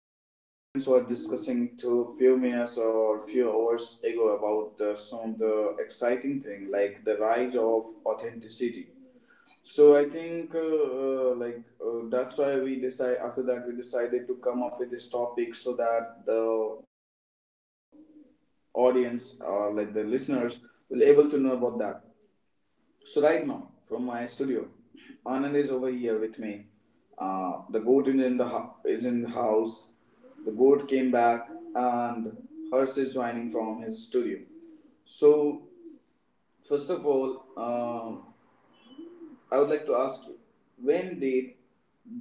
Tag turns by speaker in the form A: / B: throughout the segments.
A: uh, we three friends were discussing to few minutes or few hours ago about some of the exciting thing like the rise of authenticity. So I think that's why we decided to come up with this topic so that the audience or like the listeners will able to know about that. So right now, from my studio, Anand is over here with me. The goat is in the is in the house. The goat came back, and Hers is joining from his studio. So first of all, I would like to ask you, when did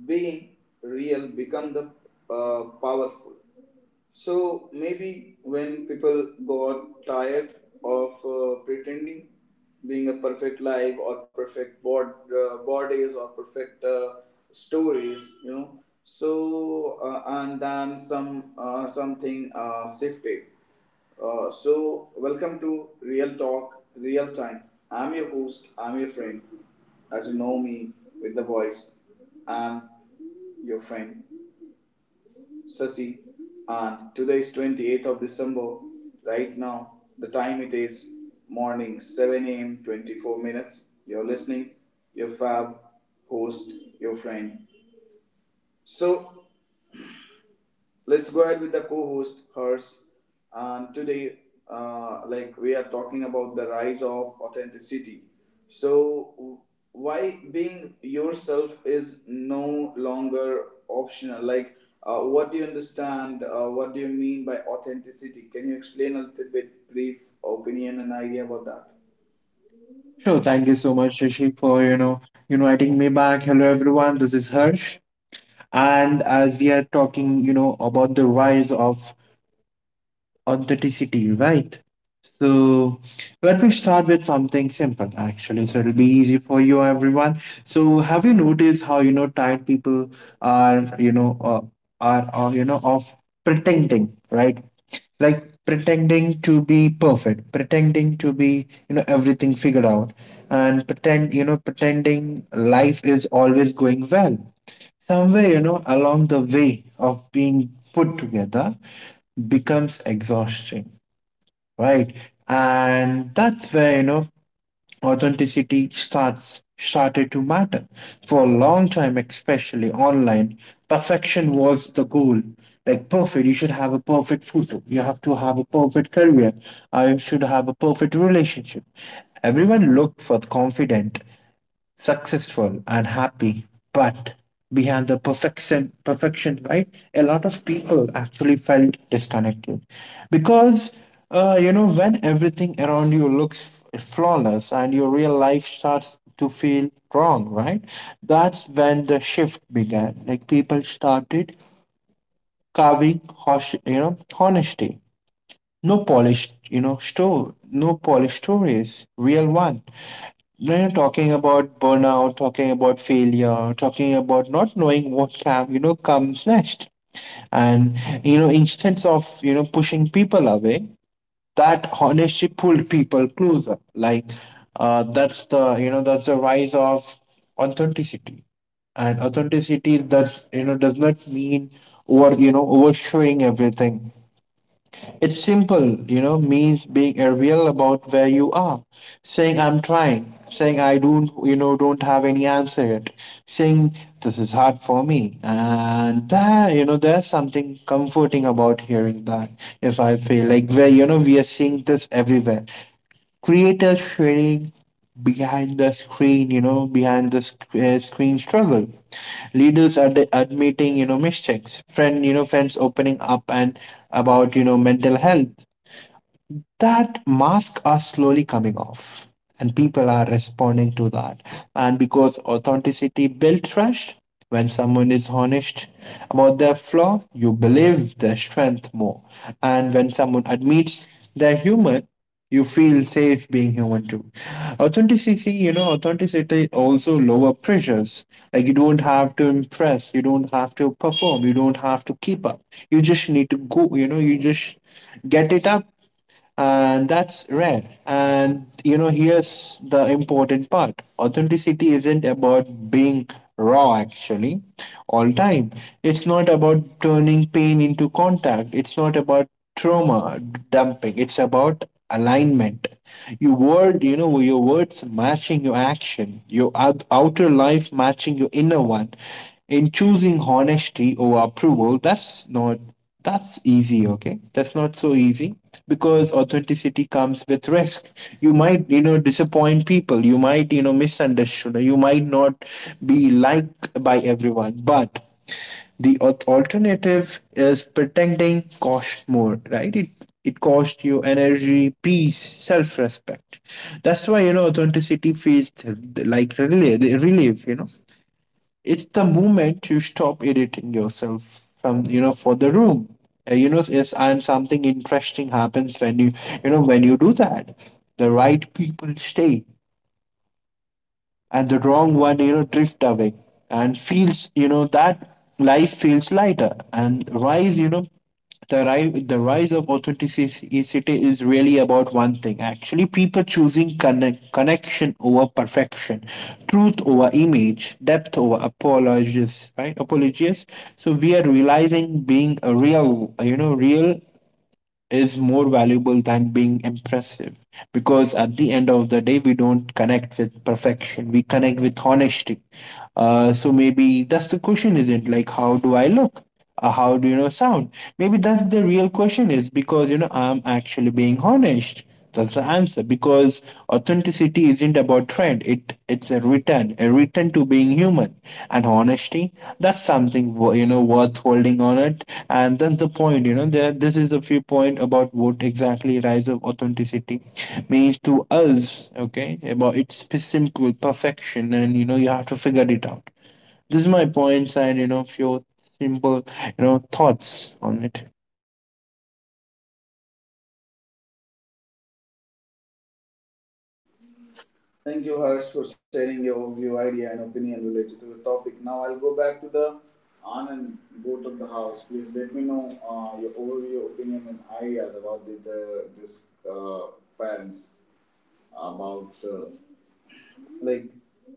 A: being real become the powerful? So maybe when people got tired of pretending, being a perfect life or perfect bodies or perfect stories, you know. So and then something shifted. So welcome to Real Talk, Real Time. I'm your host. I'm your friend. As you know me with the voice, I'm your friend. Sasi, and today is 28th of December. Right now, the time it is morning 7 a.m. 24 minutes. You're listening, your fab host, your friend. So, let's go ahead with the co-host hers, and today we are talking about the rise of authenticity. So why being yourself is no longer optional. What do you understand? What do you mean by authenticity? Can you explain a little bit brief opinion and idea about that?
B: Sure, thank you so much, Shashi, for inviting me back. Hello, everyone. This is Harsh, and as we are talking, about the rise of authenticity, right? So let me start with something simple, actually, so it'll be easy for you, everyone. So have you noticed how tired people are, you know, uh, are you know, of pretending, right? Like pretending to be perfect, pretending to be everything figured out, and pretending life is always going well. Somewhere along the way of being put together becomes exhausting, right? And that's where authenticity starts started to matter. For a long time, especially online, perfection was the goal. Like perfect, you should have a perfect photo, you have to have a perfect career, I should have a perfect relationship. Everyone looked for confident, successful and happy. But behind the perfection, right, a lot of people actually felt disconnected, because when everything around you looks flawless and your real life starts to feel wrong, right? That's when the shift began. Like people started carving hosh, honesty. No polished you know store No polished stories, real one. When you're talking about burnout, talking about failure, talking about not knowing what can, comes next. And, instead of, pushing people away, that honestly pulled people closer. Like, that's that's the rise of authenticity. And authenticity, that's, does not mean overshowing everything. It's simple, means being real about where you are. Saying I'm trying, saying I don't, you know, don't have any answer yet. Saying this is hard for me, and that, there's something comforting about hearing that. If I feel like where, we are seeing this everywhere, creator sharing behind the screen, screen struggle. Leaders are admitting, mistakes. Friends opening up and about, mental health. That mask are slowly coming off, and people are responding to that, and because authenticity builds trust. When someone is honest about their flaw, you believe their strength more. And when someone admits they're human, you feel safe being human too. Authenticity you know Authenticity also lower pressures. Like you don't have to impress, you don't have to perform, you don't have to keep up. You just need to go, you just get it up. And that's rare. And here's the important part: authenticity isn't about being raw, actually, all time. It's not about turning pain into contact, it's not about trauma dumping. It's about alignment. Your words matching your action, your outer life matching your inner one, in choosing honesty over approval. That's easy. Okay, that's not so easy, because authenticity comes with risk. You might disappoint people, you might misunderstood, you might not be liked by everyone. But the alternative is pretending cost more, right? It costs you energy, peace, self-respect. That's why authenticity feels like relief, it's the moment you stop editing yourself from you know for the room. Yes, and something interesting happens when when you do that. The right people stay, and the wrong one drift away. And feels that life feels lighter and rise, the rise of authenticity is really about one thing, actually. People choosing connection over perfection, truth over image, depth over apologies, right apologies So we are realizing being a real, real, is more valuable than being impressive, because at the end of the day, we don't connect with perfection, we connect with honesty. So maybe that's the question isn't like how do I look, how do sound. Maybe that's the real question is because I'm actually being honest. That's the answer, because authenticity isn't about trend. It's a return to being human, and honesty. That's something worth holding on it, and that's the point. You know, there this is a few point about what exactly rise of authenticity means to us. Okay, about it's simple perfection, and you have to figure it out. This is my points, and few simple thoughts on it.
A: Thank you, Harsh, for sharing your view, idea, and opinion related to the topic. Now I'll go back to the Anand both of the house. Please let me know your overview, opinion, and ideas about the this uh, parents about like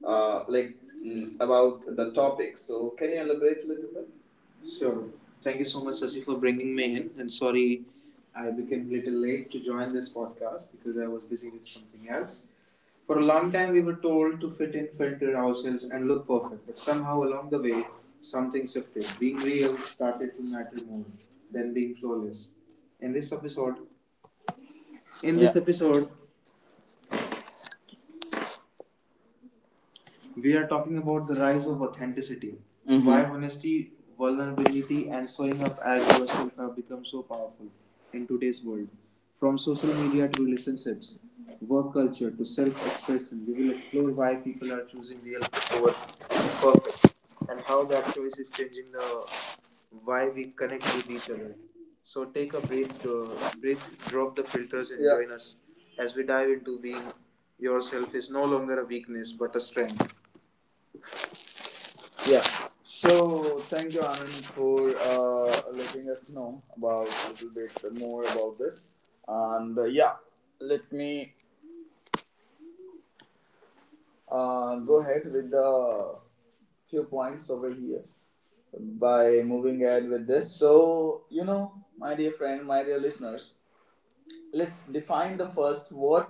A: like mm, about the topic. So can you elaborate a little bit? Sure. Thank you so much, Sasi, for bringing me in. And sorry, I became a little late to join this podcast because I was busy with something else. For a long time, we were told to fit in, filter ourselves, and look perfect. But somehow, along the way, something shifted. Being real started to matter more than being flawless. In this episode, in yeah. This episode, we are talking about the rise of authenticity. Mhm. Why honesty, vulnerability, and showing up as yourself have become so powerful in today's world. From social media to relationships, work culture to self expression, we will explore why people are choosing real over perfect and how that choice is changing the why we connect with each other. So take a breath, drop the filters, and, yeah, join us as we dive into being yourself is no longer a weakness but a strength. Yeah. So thank you, Anand, for letting us know about a little bit more about this. And uh, yeah, Let me go ahead with the few points over here by moving ahead with this. So you know, my dear friend, my dear listeners, let's define the first word,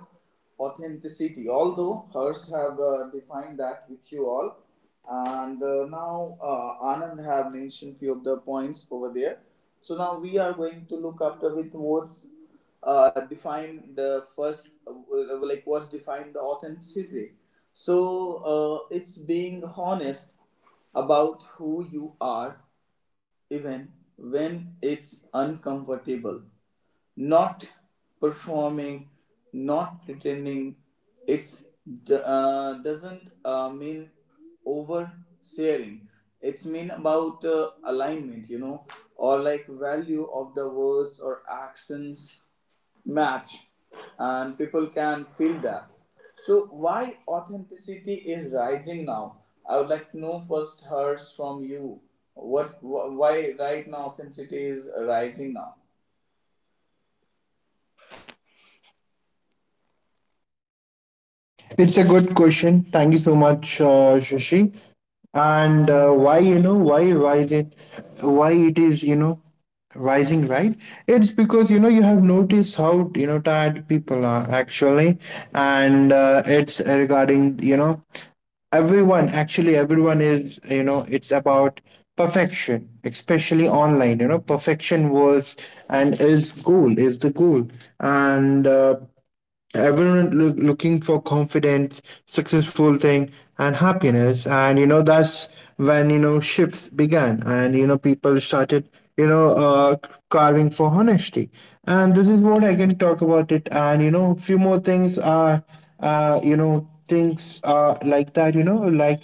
A: authenticity. Although hers have defined that with you all, and now anand have mentioned few of the points over there, so now we are going to look after with words. Define the first what's define the authenticity. So it's being honest about who you are even when it's uncomfortable, not performing, not pretending. It's Doesn't mean oversharing. It's mean about alignment, you know, or like value of the words or actions match, and people can feel that. So why authenticity is rising now? I would like to know first hers from you. Why right now authenticity is rising now?
B: It's a good question. Thank you so much, Shashi. And Why why rise it, why it is rising, right? It's because you have noticed how tired people are, actually. And it's regarding everyone, actually. Everyone is, it's about perfection, especially online. Perfection was and is goal, is the goal. And looking for confidence, successful thing, and happiness. And that's when shifts began, and people started you know uh, carving for honesty. And this is what I can talk about it. And few more things are things like that, like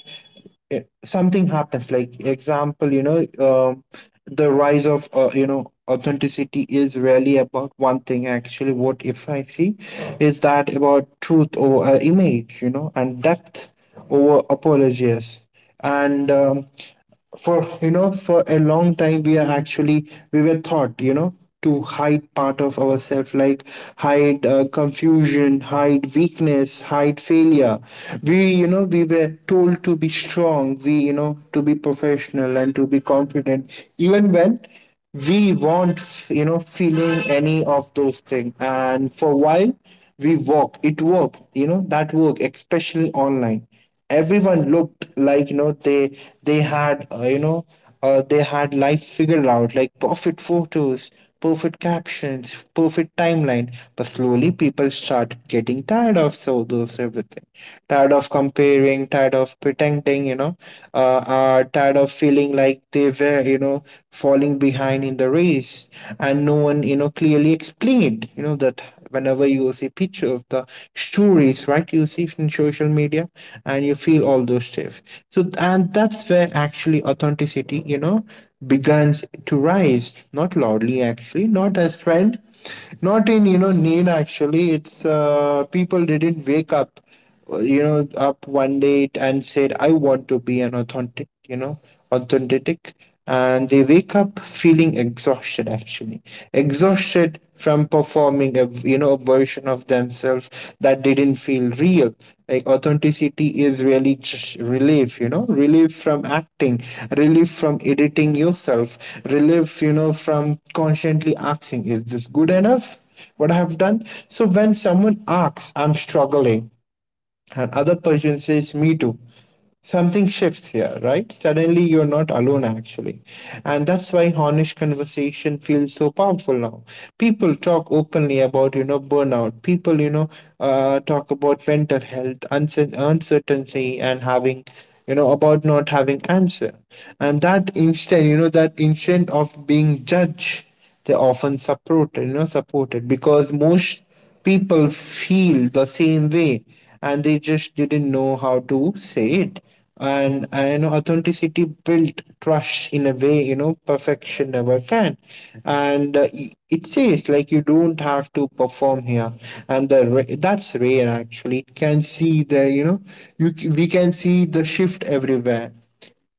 B: something happens, like example, um, the rise of authenticity is really about one thing, actually. What if I see is that about truth, or image, and depth over apologies. And for you know for a long time, we are actually we were taught, to hide part of ourselves, like hide confusion, hide weakness, hide failure. We you know We were told to be strong, we you know to be professional, and to be confident even when we weren't, feeling any of those things. And for a while, we work. It worked, that worked, especially online. Everyone looked like, they had, they had life figured out, like perfect photos, perfect captions, perfect timeline. But slowly, people start getting tired of so those everything, tired of comparing, tired of pretending, tired of feeling like they were, falling behind in the race. And no one, clearly explained, that whenever you see picture of the stories, right, you see in social media, and you feel all those stuff. So and that's where actually authenticity, begins to rise, not loudly, actually, not as trend, not in, need, actually. It's People didn't wake up, one day, and said, I want to be an authentic. And they wake up feeling exhausted, actually. Exhausted from performing a, a version of themselves that didn't feel real. Like authenticity is really just relief, relief from acting, relief from editing yourself, relief, from constantly asking, is this good enough? What I have done. So when someone asks, I'm struggling, and other person says me too, something shifts here, right? Suddenly you're not alone, actually. And that's why honest conversation feels so powerful now. People talk openly about, burnout. People you know Talk about mental health, uncertainty, and having, about not having answer. And that instant, that instant of being judged, they often supported, because most people feel the same way, and they just didn't know how to say it. And I know authenticity built trust in a way, perfection never can. And it says like you don't have to perform here, and that's rare, actually. It can see the you know you c- We can see the shift everywhere.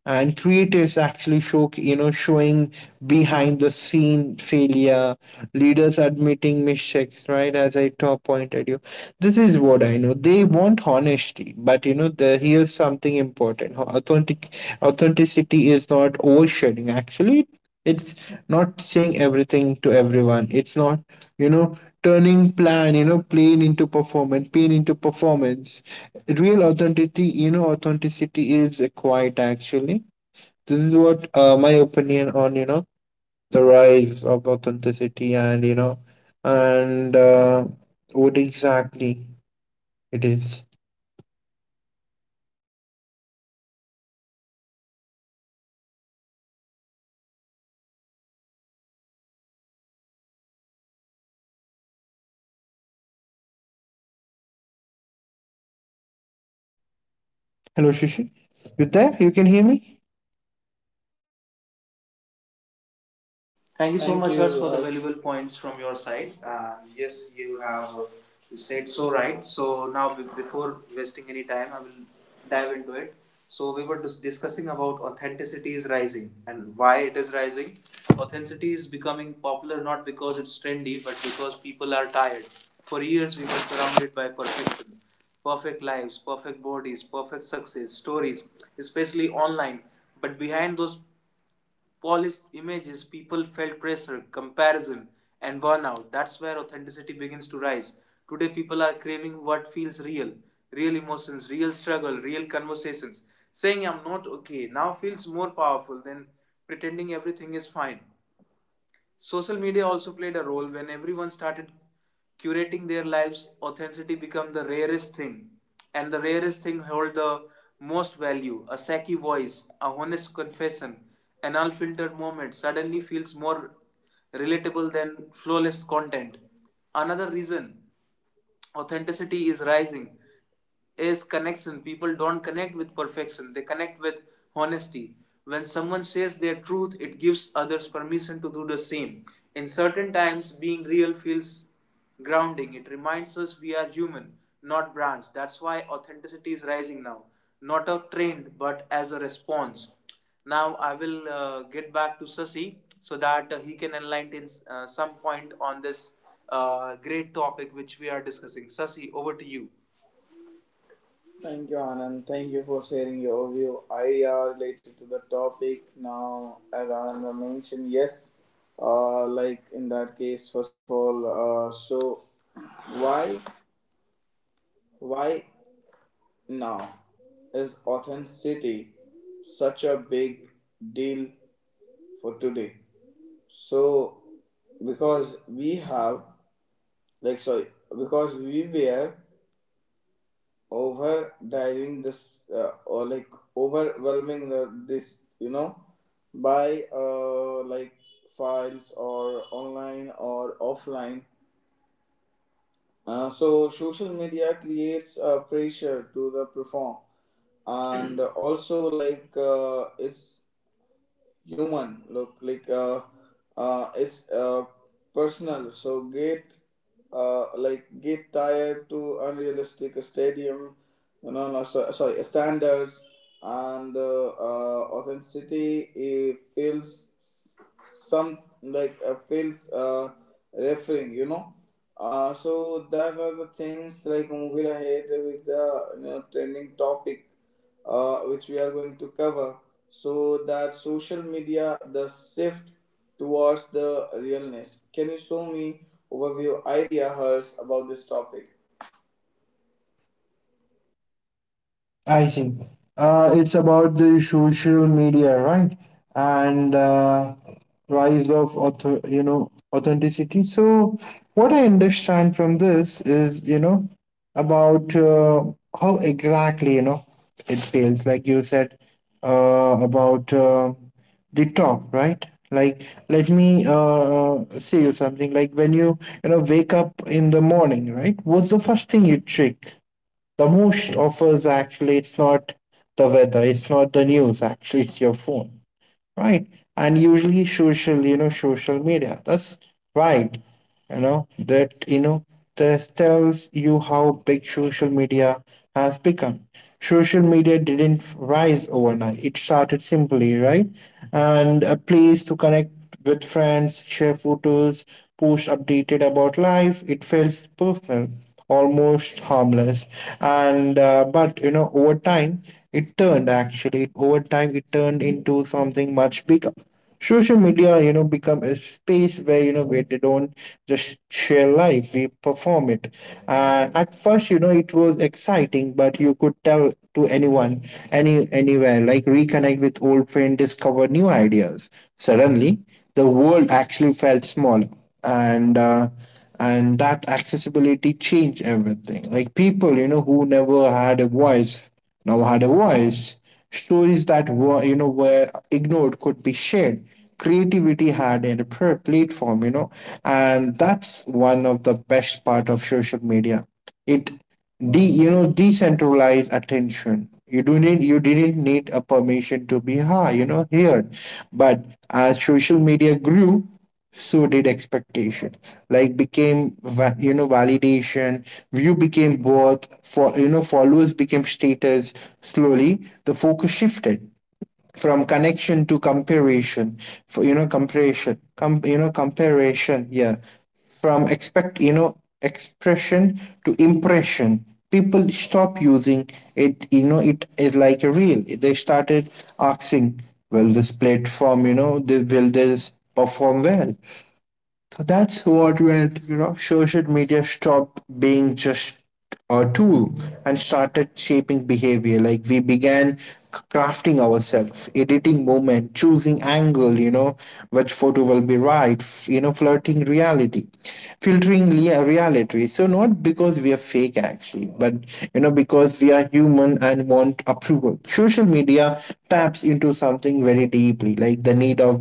B: And creatives actually showing behind the scene failure, leaders admitting mistakes, right, as I top pointed you. This is what I know, they want honesty. But here's something important. Authenticity is not oversharing, actually. It's not saying everything to everyone. It's not, you know, turning plan, you know, plan into performance, pain into performance. Real authenticity, authenticity is a quiet, actually. This is what my opinion on, the rise of authenticity and, and uh, what exactly it is. Hello, Shishi. You there? You can hear me?
A: Thank you so Thank much, you, Harsh, for the Harsh. Valuable points from your side. Yes, you have said so right. So now, before wasting any time, I will dive into it. So we were discussing about authenticity is rising and why it is rising. Authenticity is becoming popular not because it's trendy, but because people are tired. For years, we were surrounded by perfection, perfect lives, perfect bodies, perfect success stories, especially online. But behind those polished images, people felt pressure, comparison, and burnout. That's where authenticity begins to rise. Today, people are craving what feels real, real emotions, real struggle, real conversations. Saying I'm not okay now feels more powerful than pretending everything is fine. Social media also played a role. When everyone started curating their lives, authenticity became the rarest thing, and the rarest thing held the most value. A sacky voice, a honest confession, an unfiltered moment suddenly feels more relatable than flawless content. Another reason authenticity is rising is connection. People don't connect with perfection, they connect with honesty. When someone shares their truth, it gives others permission to do the same. In certain times, being real feels grounding. It reminds us we are human, not brands. That's why authenticity is rising now, not a trend, but as a response. Now, I will get back to Sasi so that he can enlighten some point on this great topic which we are discussing. Sasi, over to you. Thank you, Anand. Thank you for sharing your view idea related to the topic. Now, as Anand mentioned, yes, in that case, first of all, so why, why now is authenticity such a big deal for today? So, because we have, like, sorry, because we were over diving this or like overwhelming this you know by files or online or offline. So social media creates a pressure to the perform and also it's human look it's personal, so get get tired to unrealistic stadium, no no no, so, sorry, standards, and authenticity it feels some feels referring, you know. So that are the things like movie ahead with the you know, trending topic which we are going to cover. So that social media, the shift towards the realness. Can you show me overview idea hers about this topic?
B: I see. It's about the social media, right? And rise of authenticity. So what I understand from this is, about how exactly, it fails. Like you said, about the talk, right? Like, let me say you something. Like when you, wake up in the morning, right? What's the first thing you check? The most offers, actually, it's not the weather, it's not the news, actually, it's your phone, right? And usually, social media. That's right. You know that, this tells you how big social media has become. Social media didn't rise overnight. It started simply, right? And a place to connect with friends, share photos, post updated about life. It feels personal, almost harmless. And but you know, over time, it turned actually over time it turned into something much bigger. Social media, you know, become a space where, where they don't just share life, we perform it. At first, you know, it was exciting, but you could tell to anyone, anywhere, like reconnect with old friend, discover new ideas. Suddenly, the world actually felt small. And uh, and that accessibility changed everything, like people, you know, who never had a voice now had a voice. Stories that were ignored could be shared. Creativity had a platform, you know, and that's one of the best part of social media. It de you know decentralized attention. You didn't need a permission to be high, you know, heard. But as social media grew, so did expectation, like became validation, view became worth for, you know, followers became status. Slowly, the focus shifted from connection to comparison. For, you know, comparison, comparison, yeah. From expect you know expression to impression. People stop using it, you know, it is like a reel. They started asking, will this platform you know the, will this perform well? So that's what when, you know, social media stopped being just a tool and started shaping behavior. Like we began crafting ourselves, editing moment, choosing angle, you know, which photo will be right, flirting reality, filtering reality. So not because we are fake, actually, but, you know, because we are human and want approval. Social media taps into something very deeply, like the need of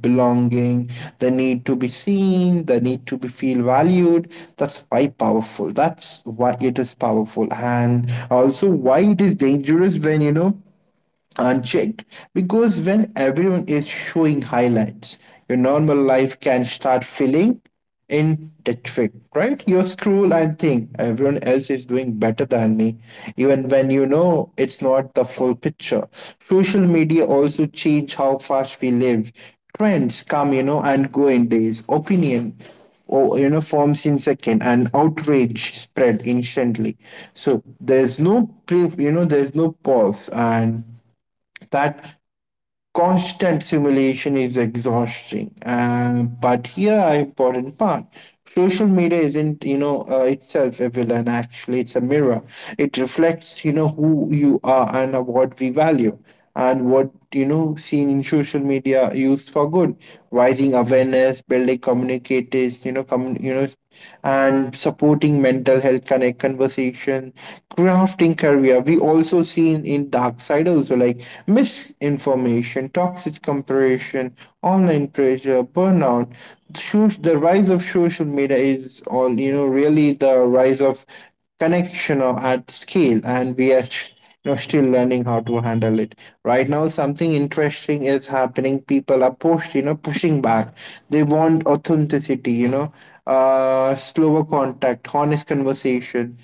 B: belonging, the need to be seen, the need to be feel valued. That's why it is powerful, and also why it is dangerous when, you know, unchecked, because when everyone is showing highlights, your normal life can start feeling inadequate, right? You scroll and think everyone else is doing better than me, even when, you know, it's not the full picture. Social media also change how fast we live. Trends come, you know, and go in days. Opinion or you know forms in second, and outrage spread instantly. So there's no pre you know there's no pause, and that constant simulation is exhausting. But here are important part. Social media isn't, itself a villain, actually, it's a mirror. It reflects, you know, who you are and what we value. And what, you know, seen in social media used for good, rising awareness, building communicators, and supporting mental health, connect conversation, crafting career. We also seen in dark side also, like misinformation, toxic comparison, online pressure, burnout. The rise of social media is all, you know, really the rise of connection or at scale, and we are, you know, still learning how to handle it. Right now, something interesting is happening. People are pushing back. They want authenticity, slower contact, honest conversation.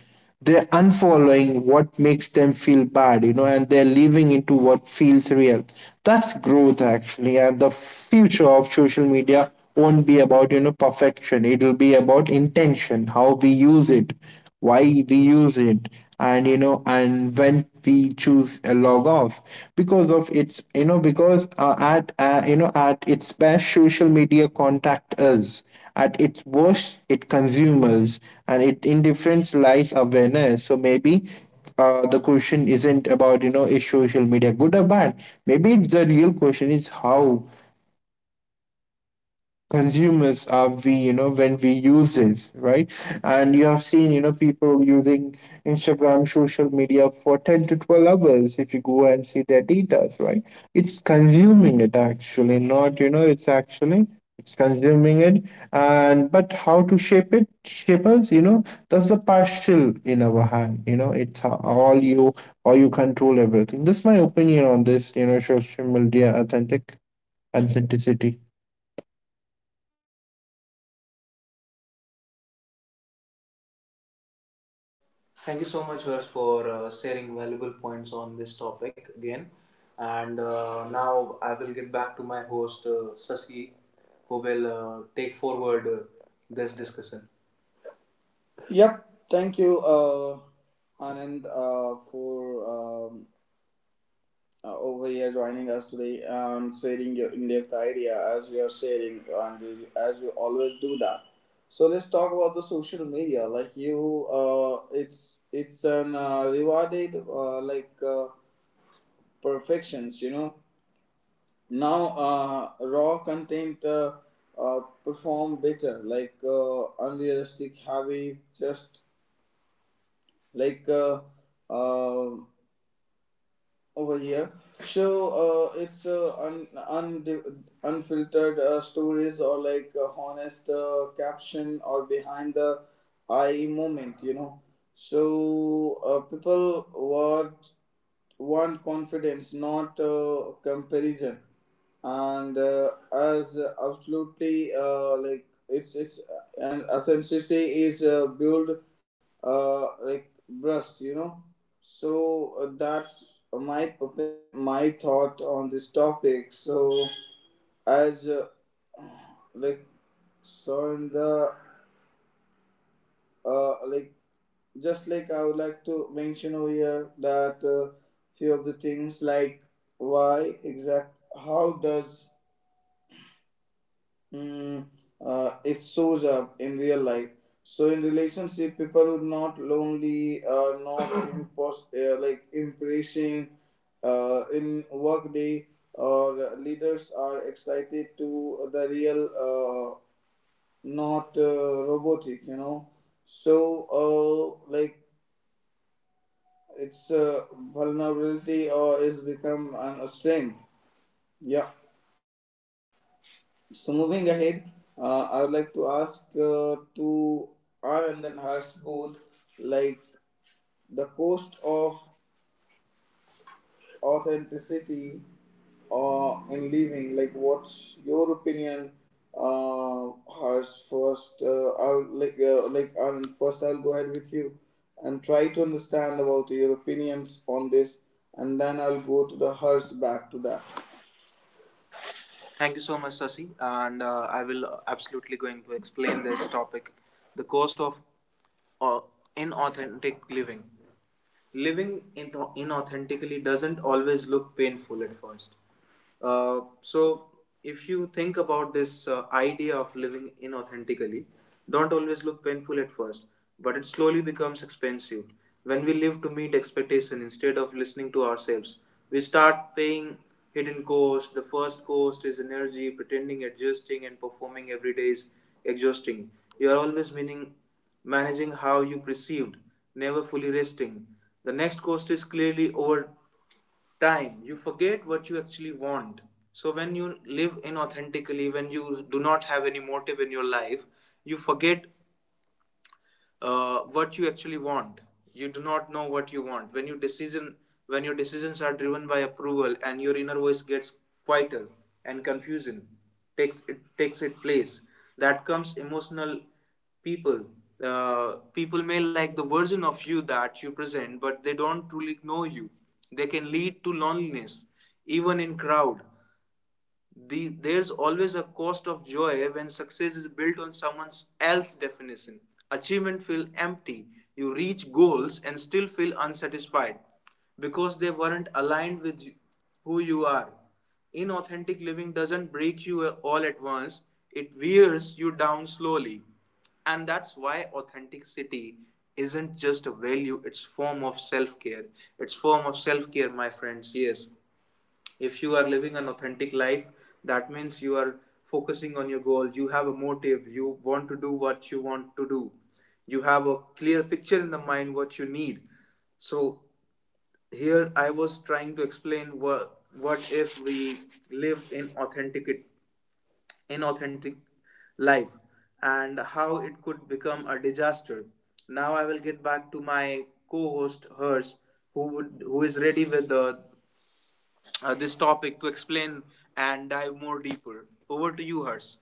B: They're unfollowing what makes them feel bad, and they're leaving into what feels real. That's growth, actually. And the future of social media won't be about, you know, perfection. It'll be about intention, how we use it, why we use it, and you know and when we choose a log off. Because of its, you know because at you know at its best, social media contact us. At its worst, it consumes, and it indifference lies awareness. So maybe, the question isn't about, you know, is social media good or bad. Maybe the real question is how consumers are we, you know, when we use this, right? And you have seen, you know, people using Instagram, social media, for 10 to 12 hours, if you go and see their details, right? It's consuming it, actually, not, you know, it's actually, it's consuming it. And but how to shape it, shape us, you know, that's the partial in our hand. You know, it's all you, or you control everything. That's my opinion on this, you know, social media authenticity.
A: Thank you so much, Harsh, for sharing valuable points on this topic again. And Now I will get back to my host, Sasi, who will take forward this discussion. Yep. Thank you, Anand, for um over here joining us today and sharing your in-depth idea as we are sharing and as you always do that. So let's talk about the social media. Like you, it's an rewarded like perfections. You know now raw content perform better. Like unrealistic, heavy, just like. Uh, Over here. So it's unfiltered stories or like honest caption or behind the eye moment, you know. So people want confidence, not comparison, and as absolutely it's and authenticity is built breast, you know. So that's my opinion, my thought on this topic. So as like so in the uh, like just like I would like to mention over here that few of the things like why exact how does Mm, it shows up in real life. So in relationship, people are not lonely, are not impressing. In workday, or leaders are excited to the real, not robotic. You know, so like its vulnerability or is become a strength. Yeah. So moving ahead, I would like to ask to R and then Harsh both like the cost of authenticity in living. Like, what's your opinion, Harsh? First, I'll like I first I'll go ahead with you and try to understand about your opinions on this, and then I'll go to the Harsh back to that. Thank you so much, Sasi. And I will absolutely going to explain this topic, the cost of uh, inauthentic living. Living in inauthentically doesn't always look painful at first. So, if you think about this idea of living inauthentically, don't always look painful at first, but it slowly becomes expensive. When we live to meet expectation instead of listening to ourselves, we start paying hidden cost. The first cost is energy, pretending, adjusting, and performing every day is exhausting. You are always meaning managing how you perceived, never fully resting. The next cost is clearly over time you forget what you actually want. So when you live inauthentically, when you do not have any motive in your life, you forget what you actually want. You do not know what you want when your decision, when your decisions are driven by approval, and your inner voice gets quieter, and confusion takes it takes its place. That comes emotional. people People may like the version of you that you present, but they don't truly know you. They can lead to loneliness even in crowd. There's always a cost of joy when success is built on someone else's definition. Achievement feel empty. You reach goals and still feel unsatisfied because they weren't aligned with who you are. Inauthentic living doesn't break you all at once, it wears you down slowly. And that's why authenticity isn't just a value, it's form of self-care. It's form of self-care, my friends, yes. If you are living an authentic life, that means you are focusing on your goal, you have a motive, you want to do what you want to do, you have a clear picture in the mind what you need. So here I was trying to explain what if we live in authentic, in authentic life, and how it could become a disaster. Now I will get back to my co-host hers, who is ready with the this topic to explain and dive more deeper. Over to you, Hers.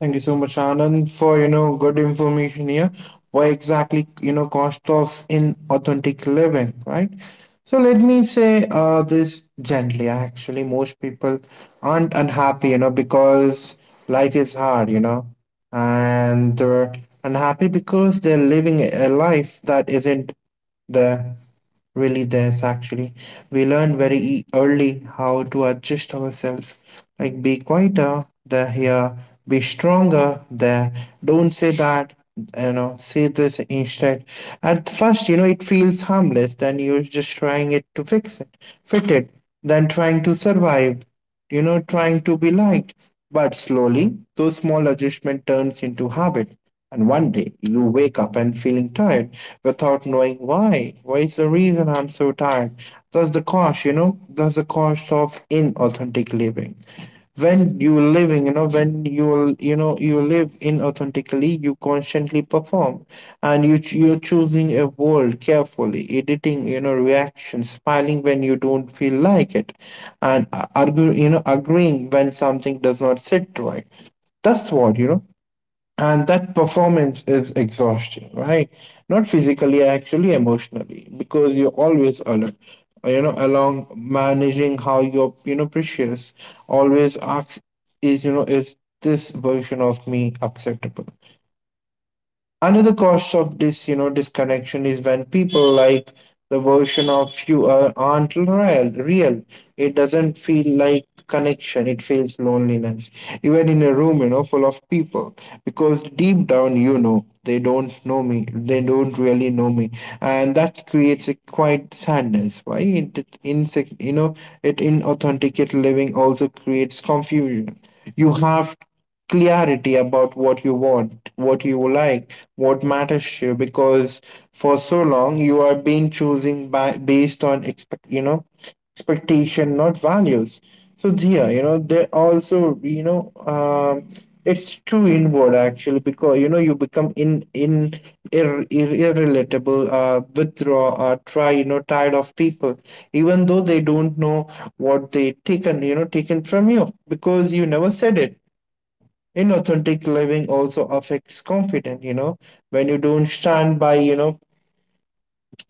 B: Thank you so much, Anand, for, you know, good information here. Why exactly, you know, cost of inauthentic living, right? So let me say, this gently. Actually, most people aren't unhappy, you know, because life is hard, you know, and they're unhappy because they're living a life that isn't there, really, there's actually. We learn very early how to adjust ourselves, like be quieter there here, be stronger there. Don't say that, you know, say this instead. At first, you know, it feels harmless, then you're just trying it to fit it, then trying to survive, you know, trying to be liked. But slowly, those small adjustment turns into habit, and one day you wake up and feeling tired without knowing why. What is the reason I'm so tired? That's the cost, you know, that's the cost of inauthentic living. When you living, you know, when you live inauthentically, you constantly perform, and you're choosing a world carefully, editing, you know, reactions, smiling when you don't feel like it, and agreeing when something does not sit right. That's what, you know, and that performance is exhausting, right? Not physically, actually, emotionally, because you're always alert. Along managing how you're, you know, precious, always ask, is you know is this version of me acceptable? Another cost of this, you know, disconnection is when people like the version of you aren't real, real. It doesn't feel like connection. It feels loneliness. Even in a room, you know, full of people, because deep down, you know, they don't know me. They don't really know me, and that creates a quiet sadness. Why it, it insec- you know, it inauthenticate living also creates confusion. You have clarity about what you want, what you like, what matters to you. Because for so long you are being choosing by based on expectation, not values. So yeah, you know, they also, it's too inward, actually, because, you know, you become in irrelatable, withdraw, tired of people, even though they don't know what they taken from you because you never said it. Inauthentic living also affects confidence, you know, when you don't stand by you know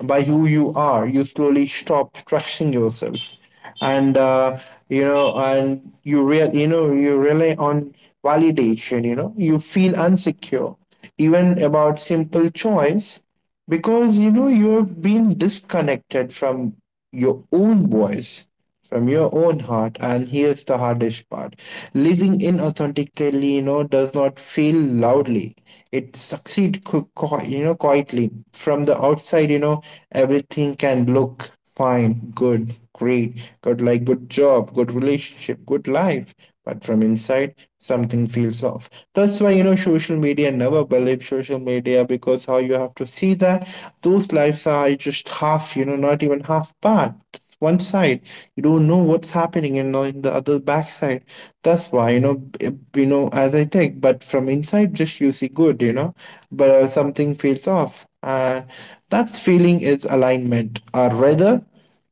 B: by who you are, you slowly stop trusting yourself. And uh, you know and you rely on validation, you know, you feel insecure even about simple choice, because, you know, you've been disconnected from your own voice, from your own heart. And here's the hardest part, living inauthentically, you know, does not feel loudly. It succeeds, you know, quietly. From the outside, you know, everything can look fine, good, great, good, like good job, good relationship, good life. But from inside, something feels off. That's why, you know, social media, never believe social media, because how you have to see that those lives are just half, you know, not even half part, one side you don't know what's happening, and on the other backside, that's why, as I take, but from inside, just you see good, you know but something feels off, and that feeling is alignment, or rather,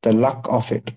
B: the luck of it.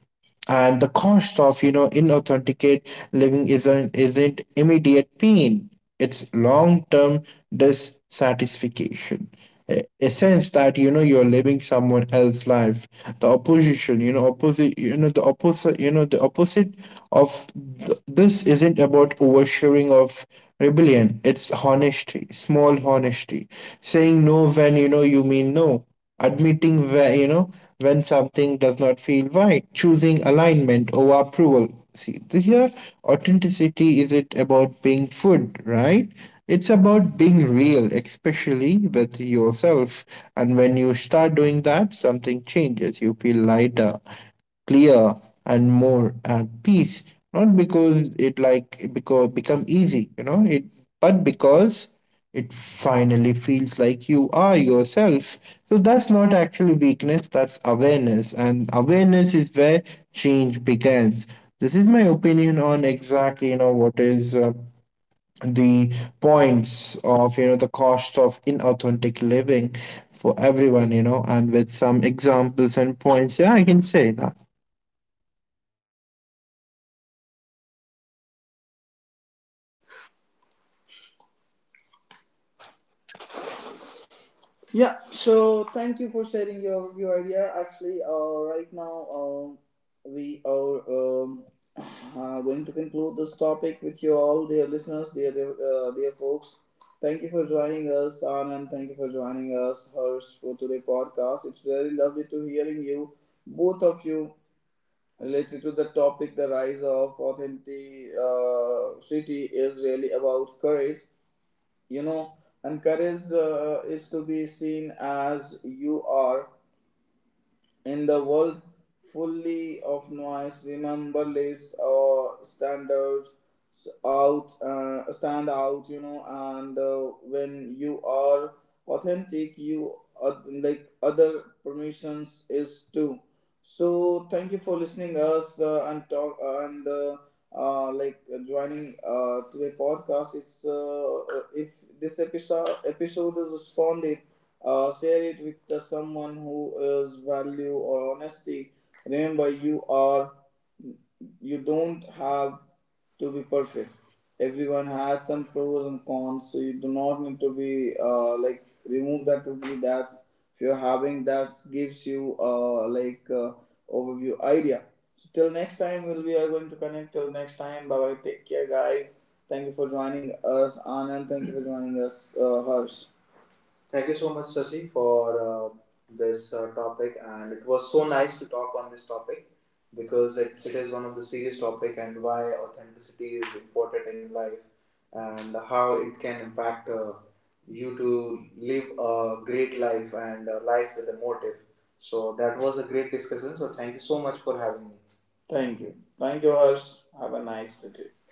B: And the cost of, you know, inauthenticate living isn't immediate pain, it's long-term dissatisfaction, a sense that, you know, you're living someone else's life. The opposition you know the opposite of this isn't about oversharing of rebellion, it's honesty, small honesty. Saying no when, you know, you mean no. Admitting where, you know, when something does not feel right. Choosing alignment over approval. See, here authenticity is it about being food, right? It's about being real, especially with yourself. And when you start doing that, something changes. You feel lighter, clear, and more at peace, not because it because become easy, you know it, but because it finally feels like you are yourself. So that's not actually weakness, that's awareness. And awareness is where change begins. This is my opinion on exactly, you know, what is, the points of, you know, the cost of inauthentic living for everyone, you know, and with some examples and points, yeah, I can say that.
A: Yeah, so thank you for sharing your idea. Actually, right now we are um, going to conclude this topic with you all, dear listeners, dear folks. Thank you for joining us, Anand. Thank you for joining us, Harsh, for today podcast. It's really lovely to hearing you, both of you, related to the topic. The rise of authenticity is really about courage, you know, and courage is to be seen as you are in the world fully of noise, remember less or standards, out stand out, you know. And when you are authentic, you other permissions is too. So thank you for listening us and talk and like joining to a podcast. It's If this episode is responded, share it with someone who is value or honesty. Remember, you are, you don't have to be perfect. Everyone has some pros and cons, so you do not need to be remove that totally. That's if you're having that gives you overview idea. So till next time, we are going to connect. Till next time, bye bye. Take care, guys. Thank you for joining us, Anand. Thank you for joining us, Harsh. Thank you so much, Sasi, for uh, this topic, and it was so nice to talk on this topic because it is one of the serious topic, and why authenticity is important in life and how it can impact you to live a great life and a life with a motive. So that was a great discussion. So thank you so much for having me. Thank you, Harsh. Have a nice day.